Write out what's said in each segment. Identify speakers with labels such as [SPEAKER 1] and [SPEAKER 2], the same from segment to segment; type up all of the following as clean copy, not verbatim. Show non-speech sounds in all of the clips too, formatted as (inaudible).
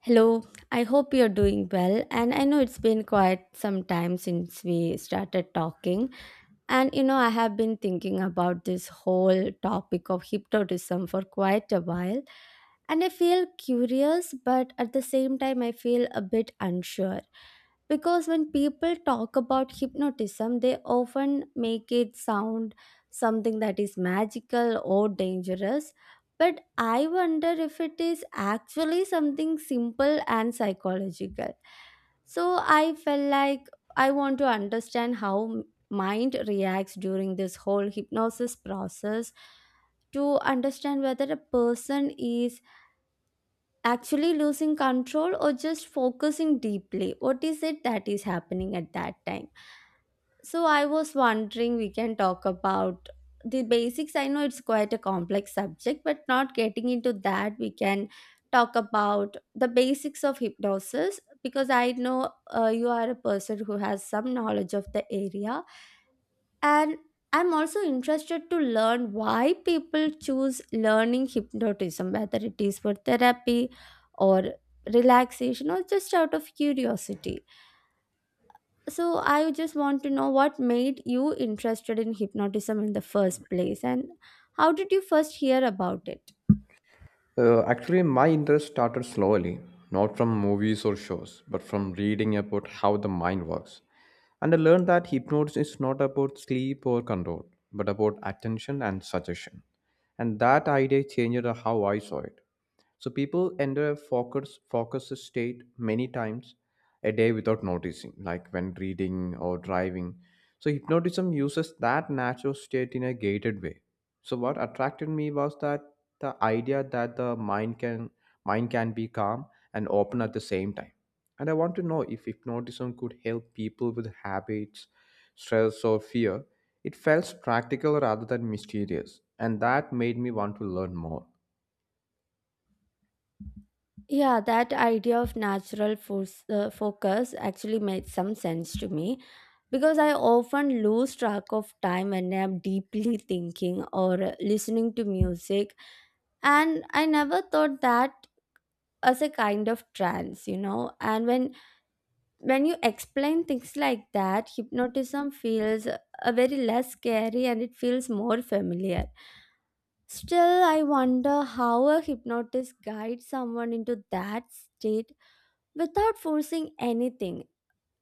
[SPEAKER 1] Hello, I hope you're doing well. And I know it's been quite some time since we started talking. And you know, I have been thinking about this whole topic of hypnotism for quite a while. And I feel curious, but at the same time, I feel a bit unsure because when people talk about hypnotism they often make it sound something that is magical or dangerous, but I wonder if it is actually something simple and psychological. So I felt like I want to understand how mind reacts during this whole hypnosis process, to understand whether a person is actually losing control or just focusing deeply. What is it that is happening at that time? So I was wondering we can talk about the basics. I know it's quite a complex subject, but not getting into that, we can talk about the basics of hypnosis because I know you are a person who has some knowledge of the area. And I'm also interested to learn why people choose learning hypnotism, whether it is for therapy or relaxation or just out of curiosity. So, I just want to know what made you interested in hypnotism in the first place and how did you first hear about it?
[SPEAKER 2] Actually, my interest started slowly, not from movies or shows, but from reading about how the mind works. And I learned that hypnosis is not about sleep or control, but about attention and suggestion. And that idea changed how I saw it. So people enter a focus state many times a day without noticing, like when reading or driving. So hypnotism uses that natural state in a gated way, so what attracted me was that the idea that the mind can be calm and open at the same time. And I want to know if hypnotism could help people with habits, stress or fear. It felt practical rather than mysterious, and that made me want to learn more.
[SPEAKER 1] Yeah, that idea of natural force, focus actually made some sense to me because I often lose track of time when I'm deeply (laughs) thinking or listening to music. And I never thought that as a kind of trance, And when you explain things like that, hypnotism feels a very less scary and it feels more familiar. Still, I wonder how a hypnotist guides someone into that state without forcing anything.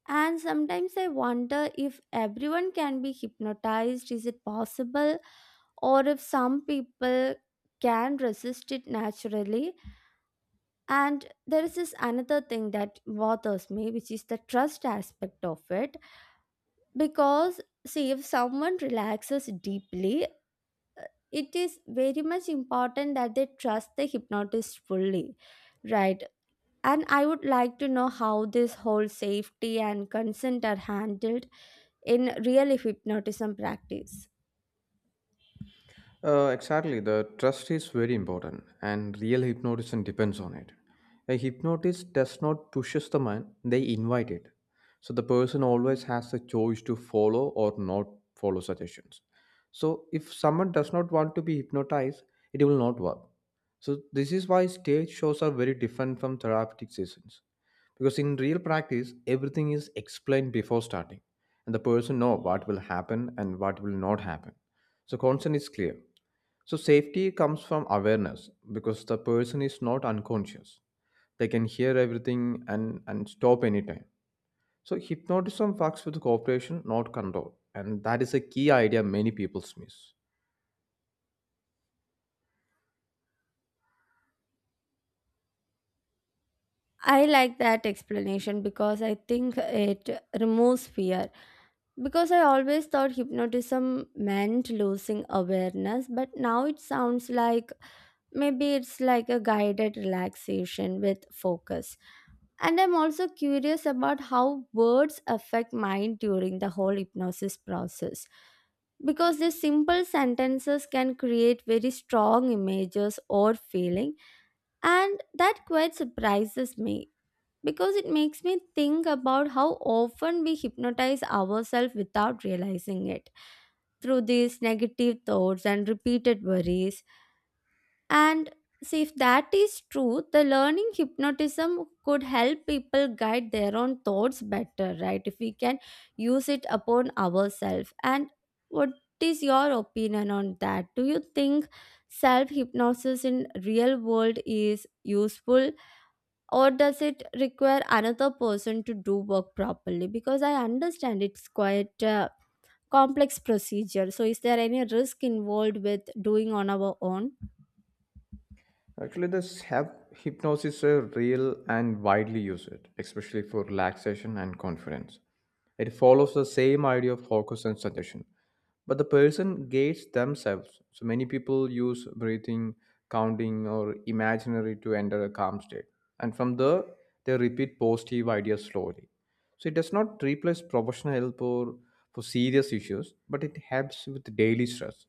[SPEAKER 1] And sometimes I wonder if everyone can be hypnotized. Is it possible? Or if some people can resist it naturally. And there is this another thing that bothers me, which is the trust aspect of it. Because, see, if someone relaxes deeply, it is very much important that they trust the hypnotist fully, right? And I would like to know how this whole safety and consent are handled in real hypnotism practice.
[SPEAKER 2] Exactly. The trust is very important, and real hypnotism depends on it. A hypnotist does not pushes the mind; they invite it. So the person always has the choice to follow or not follow suggestions. So if someone does not want to be hypnotized, it will not work. So this is why stage shows are very different from therapeutic sessions, because in real practice everything is explained before starting and the person know what will happen and what will not happen. So consent is clear, so safety comes from awareness because the person is not unconscious, they can hear everything and stop anytime. So hypnotism works with cooperation, not control, and that is a key idea many people miss.
[SPEAKER 1] I like that explanation because I think it removes fear. Because I always thought hypnotism meant losing awareness, but now it sounds like maybe it's like a guided relaxation with focus. And I'm also curious about how words affect mind during the whole hypnosis process. Because these simple sentences can create very strong images or feeling, and that quite surprises me because it makes me think about how often we hypnotize ourselves without realizing it through these negative thoughts and repeated worries. And see, if that is true, the learning hypnotism could help people guide their own thoughts better, right? If we can use it upon ourselves. And what is your opinion on that? Do you think self hypnosis in real world is useful, or does it require another person to do work properly? Because I understand it's quite a complex procedure. So is there any risk involved with doing on our own?
[SPEAKER 2] Actually, hypnosis is real and widely used, especially for relaxation and confidence. It follows the same idea of focus and suggestion, but the person gates themselves. So many people use breathing, counting, or imaginary to enter a calm state, and from there they repeat positive ideas slowly. So it does not replace professional help or for serious issues, but it helps with daily stress.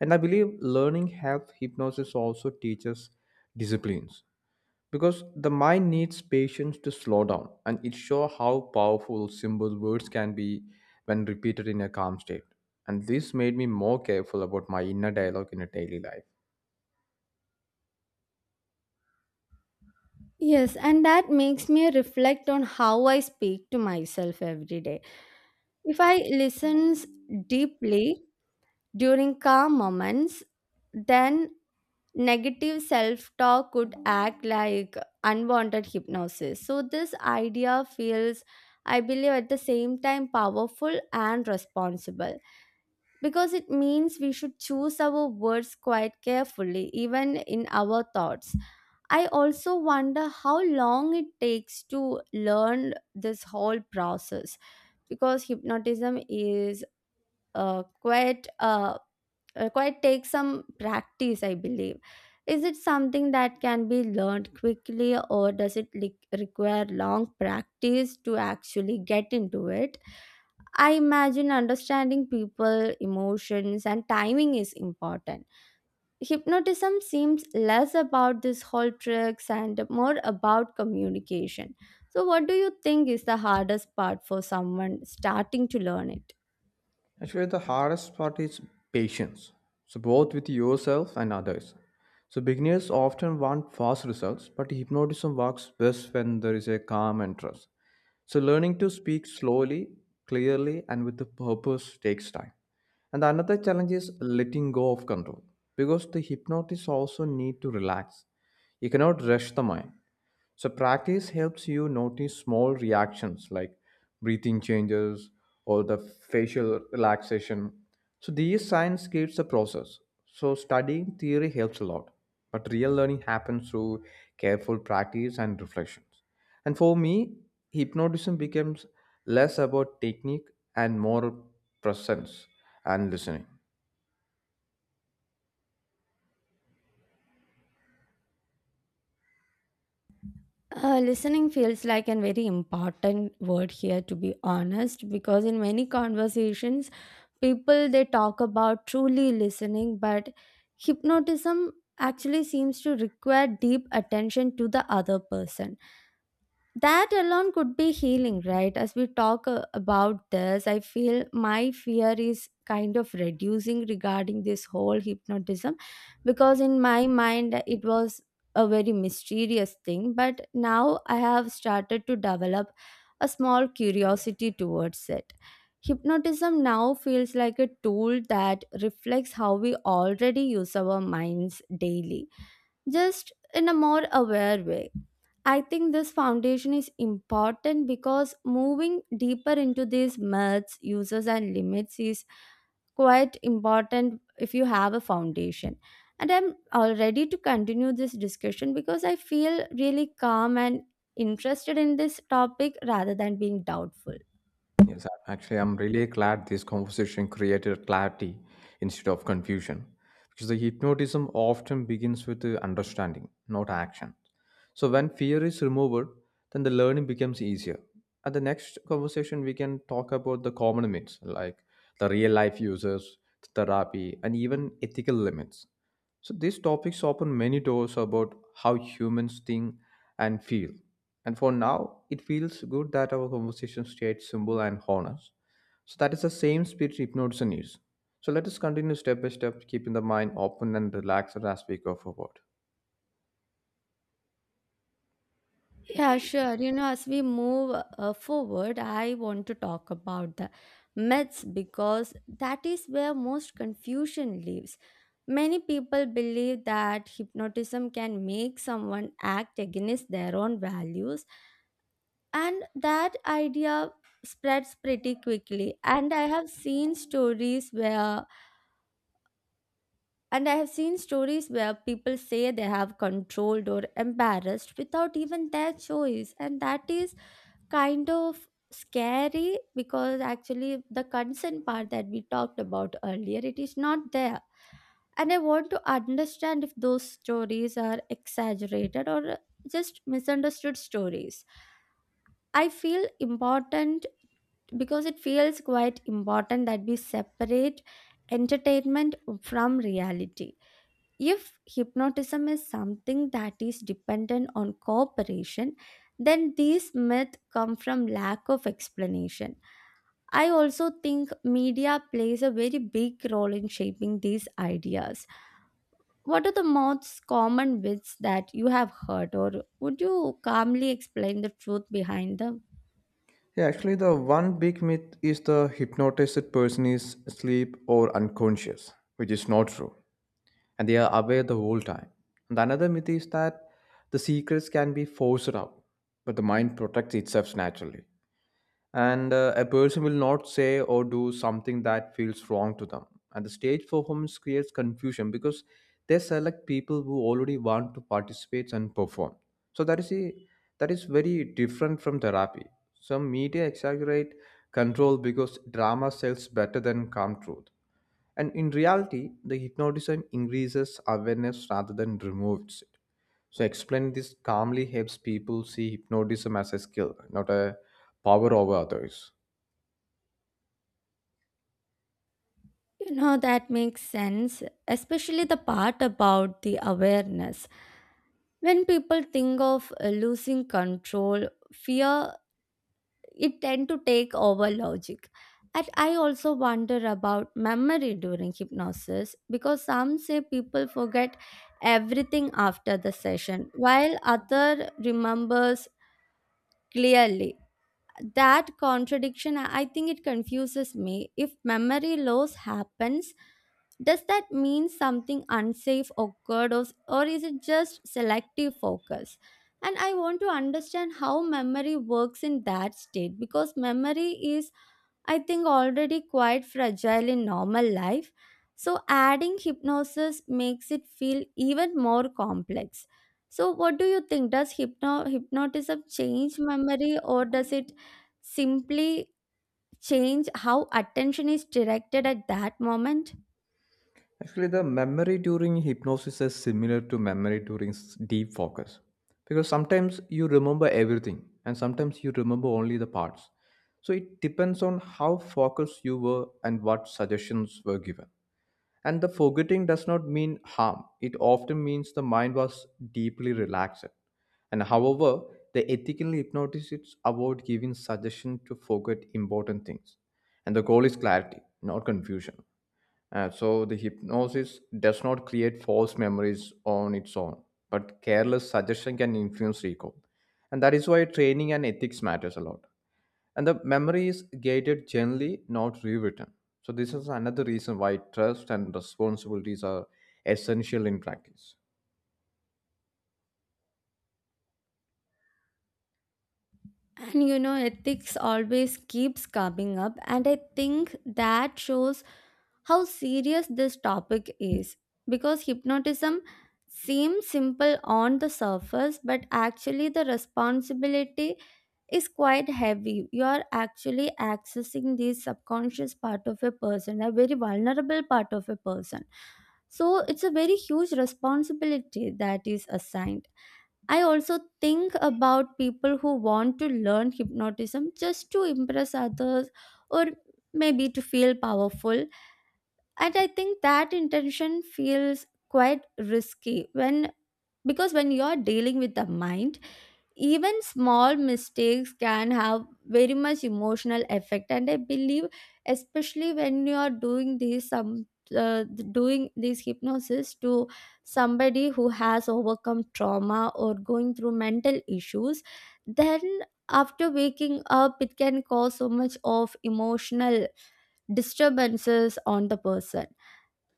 [SPEAKER 2] And I believe learning health hypnosis also teaches disciplines, because the mind needs patience to slow down, and it shows how powerful simple words can be when repeated in a calm state. And this made me more careful about my inner dialogue in a daily life.
[SPEAKER 1] Yes, and that makes me reflect on how I speak to myself every day. If I listens deeply during calm moments, then negative self-talk could act like unwanted hypnosis. So this idea feels, I believe, at the same time powerful and responsible because it means we should choose our words quite carefully even in our thoughts. I also wonder how long it takes to learn this whole process because hypnotism is uh, quite uh, quite takes some practice, I believe. Is it something that can be learned quickly, or does it require long practice to actually get into it? I imagine understanding people, emotions, and timing is important. Hypnotism seems less about this whole tricks and more about communication. So what do you think is the hardest part for someone starting to learn it?
[SPEAKER 2] Actually, the hardest part is patience. So, both with yourself and others. So, beginners often want fast results, but hypnotism works best when there is a calm and trust. So, learning to speak slowly, clearly, and with a purpose takes time. And another challenge is letting go of control because the hypnotist also need to relax. You cannot rush the mind. So practice helps you notice small reactions like breathing changes or the facial relaxation. So these signs gives the process. So studying theory helps a lot, but real learning happens through careful practice and reflections. And for me, hypnotism becomes less about technique and more presence and listening.
[SPEAKER 1] Listening feels like a very important word here to be honest, because in many conversations people they talk about truly listening, but hypnotism actually seems to require deep attention to the other person. That alone could be healing, right? As we talk about this, I feel my fear is kind of reducing regarding this whole hypnotism, because in my mind it was a very mysterious thing, but now I have started to develop a small curiosity towards it. Hypnotism now feels like a tool that reflects how we already use our minds daily, just in a more aware way. I think this foundation is important because moving deeper into these myths, uses, and limits is quite important if you have a foundation. And I'm all ready to continue this discussion because I feel really calm and interested in this topic rather than being doubtful.
[SPEAKER 2] Yes, actually, I'm really glad this conversation created clarity instead of confusion, because the hypnotism often begins with the understanding, not action. So when fear is removed, then the learning becomes easier. At the next conversation, we can talk about the common myths, like the real life uses, therapy, and even ethical limits. So these topics open many doors about how humans think and feel. And for now, it feels good that our conversation stayed simple and honest. So that is the same spirit hypnosis needs. So let us continue step by step, keeping the mind open and relaxed as we go forward.
[SPEAKER 1] Yeah, sure. You know, as we move forward, I want to talk about the myths because that is where most confusion lives. Many people believe that hypnotism can make someone act against their own values, and that idea spreads pretty quickly. And I have seen stories where people say they have controlled or embarrassed without even their choice, and that is kind of scary because actually the consent part that we talked about earlier it is not there. And I want to understand if those stories are exaggerated or just misunderstood stories, I feel important, because it feels quite important that we separate entertainment from reality. If hypnotism is something that is dependent on cooperation, then these myths come from lack of explanation. I also think media plays a very big role in shaping these ideas. What are the most common myths that you have heard, or would you calmly explain the truth behind them?
[SPEAKER 2] Yeah, actually, the one big myth is the hypnotized person is asleep or unconscious, which is not true, and they are aware the whole time. And another myth is that the secrets can be forced out, but the mind protects itself naturally, and a person will not say or do something that feels wrong to them. And the stage performance creates confusion because they select people who already want to participate and perform, so that is very different from therapy. Some media exaggerate control because drama sells better than calm truth, and in reality the hypnotism increases awareness rather than removes it. So explain this calmly helps people see hypnotism as a skill, not a power over others.
[SPEAKER 1] You know, that makes sense, especially the part about the awareness. When people think of losing control fear, it tend to take over logic. And I also wonder about memory during hypnosis because some say people forget everything after the session while other remembers clearly. That contradiction, I think it confuses me. If memory loss happens, does that mean something unsafe occurred, or is it just selective focus? And I want to understand how memory works in that state, because memory is, I think, already quite fragile in normal life. So adding hypnosis makes it feel even more complex. So what do you think? Does hypnotism change memory, or does it simply change how attention is directed at that moment?
[SPEAKER 2] Actually, the memory during hypnosis is similar to memory during deep focus, because sometimes you remember everything and sometimes you remember only the parts. So it depends on how focused you were and what suggestions were given. And the forgetting does not mean harm, it often means the mind was deeply relaxed. And however, the ethical hypnotists avoid giving suggestion to forget important things. And the goal is clarity, not confusion. So the hypnosis does not create false memories on its own, but careless suggestion can influence recall. And that is why training and ethics matters a lot. And the memory is gated generally, not rewritten. So this is another reason why trust and responsibilities are essential in practice.
[SPEAKER 1] And you know, ethics always keeps coming up, and I think that shows how serious this topic is. Because hypnotism seems simple on the surface, but actually, the responsibility is quite heavy. You are actually accessing the subconscious part of a person, a very vulnerable part of a person. So, it's a very huge responsibility that is assigned. I also think about people who want to learn hypnotism just to impress others or maybe to feel powerful, and I think that intention feels quite risky when, because when you're dealing with the mind, even small mistakes can have very much emotional effect. And I believe especially when you are doing these some uh, doing these hypnosis to somebody who has overcome trauma or going through mental issues, then after waking up it can cause so much of emotional disturbances on the person.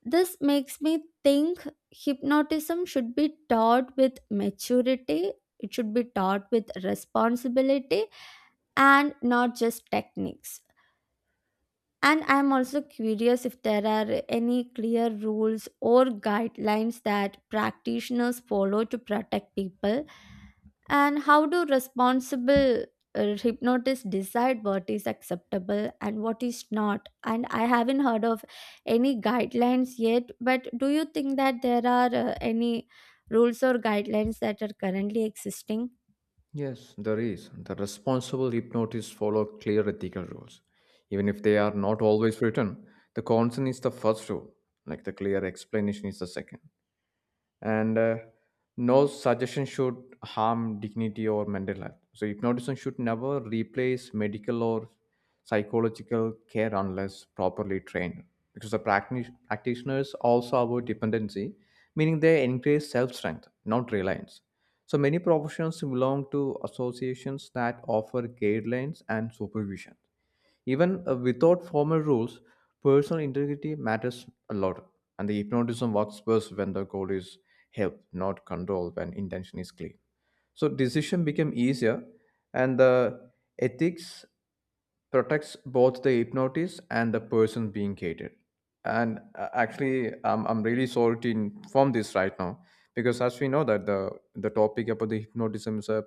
[SPEAKER 1] This makes me think hypnotism should be taught with maturity, it should be taught with responsibility, and not just techniques. And I'm also curious if there are any clear rules or guidelines that practitioners follow to protect people, and how do responsible hypnotists decide what is acceptable and what is not? And I haven't heard of any guidelines yet, but do you think that there are any rules or guidelines that are currently existing?
[SPEAKER 2] Yes, there is. The responsible hypnotists follow clear ethical rules. Even if they are not always written, the consent is the first rule, like the clear explanation is the second. And No suggestion should harm dignity or mental health. So hypnotism should never replace medical or psychological care unless properly trained, because the practitioners also avoid dependency, meaning they increase self-strength, not reliance. So many professions belong to associations that offer guidelines and supervision. Even without formal rules, personal integrity matters a lot, and the hypnotism works best when the goal is help, not control. When intention is clear, so decision became easier, and the ethics protects both the hypnotist and the person being catered. And actually, I'm really sorry to inform this right now, because as we know that the topic about the hypnotism is a,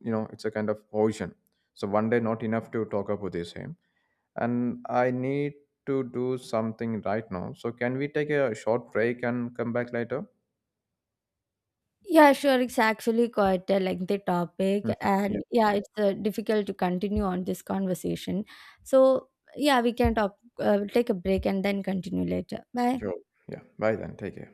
[SPEAKER 2] you know, it's a kind of ocean. So one day not enough to talk about this, eh? And I need to do something right now. So can we take a short break and come back later?
[SPEAKER 1] Yeah, sure. It's actually quite a lengthy topic,
[SPEAKER 2] Mhm. Yeah,
[SPEAKER 1] and yeah, it's difficult to continue on this conversation. So, yeah, we can talk, take a break and then continue later. Bye.
[SPEAKER 2] sure. Yeah, bye then. Take care.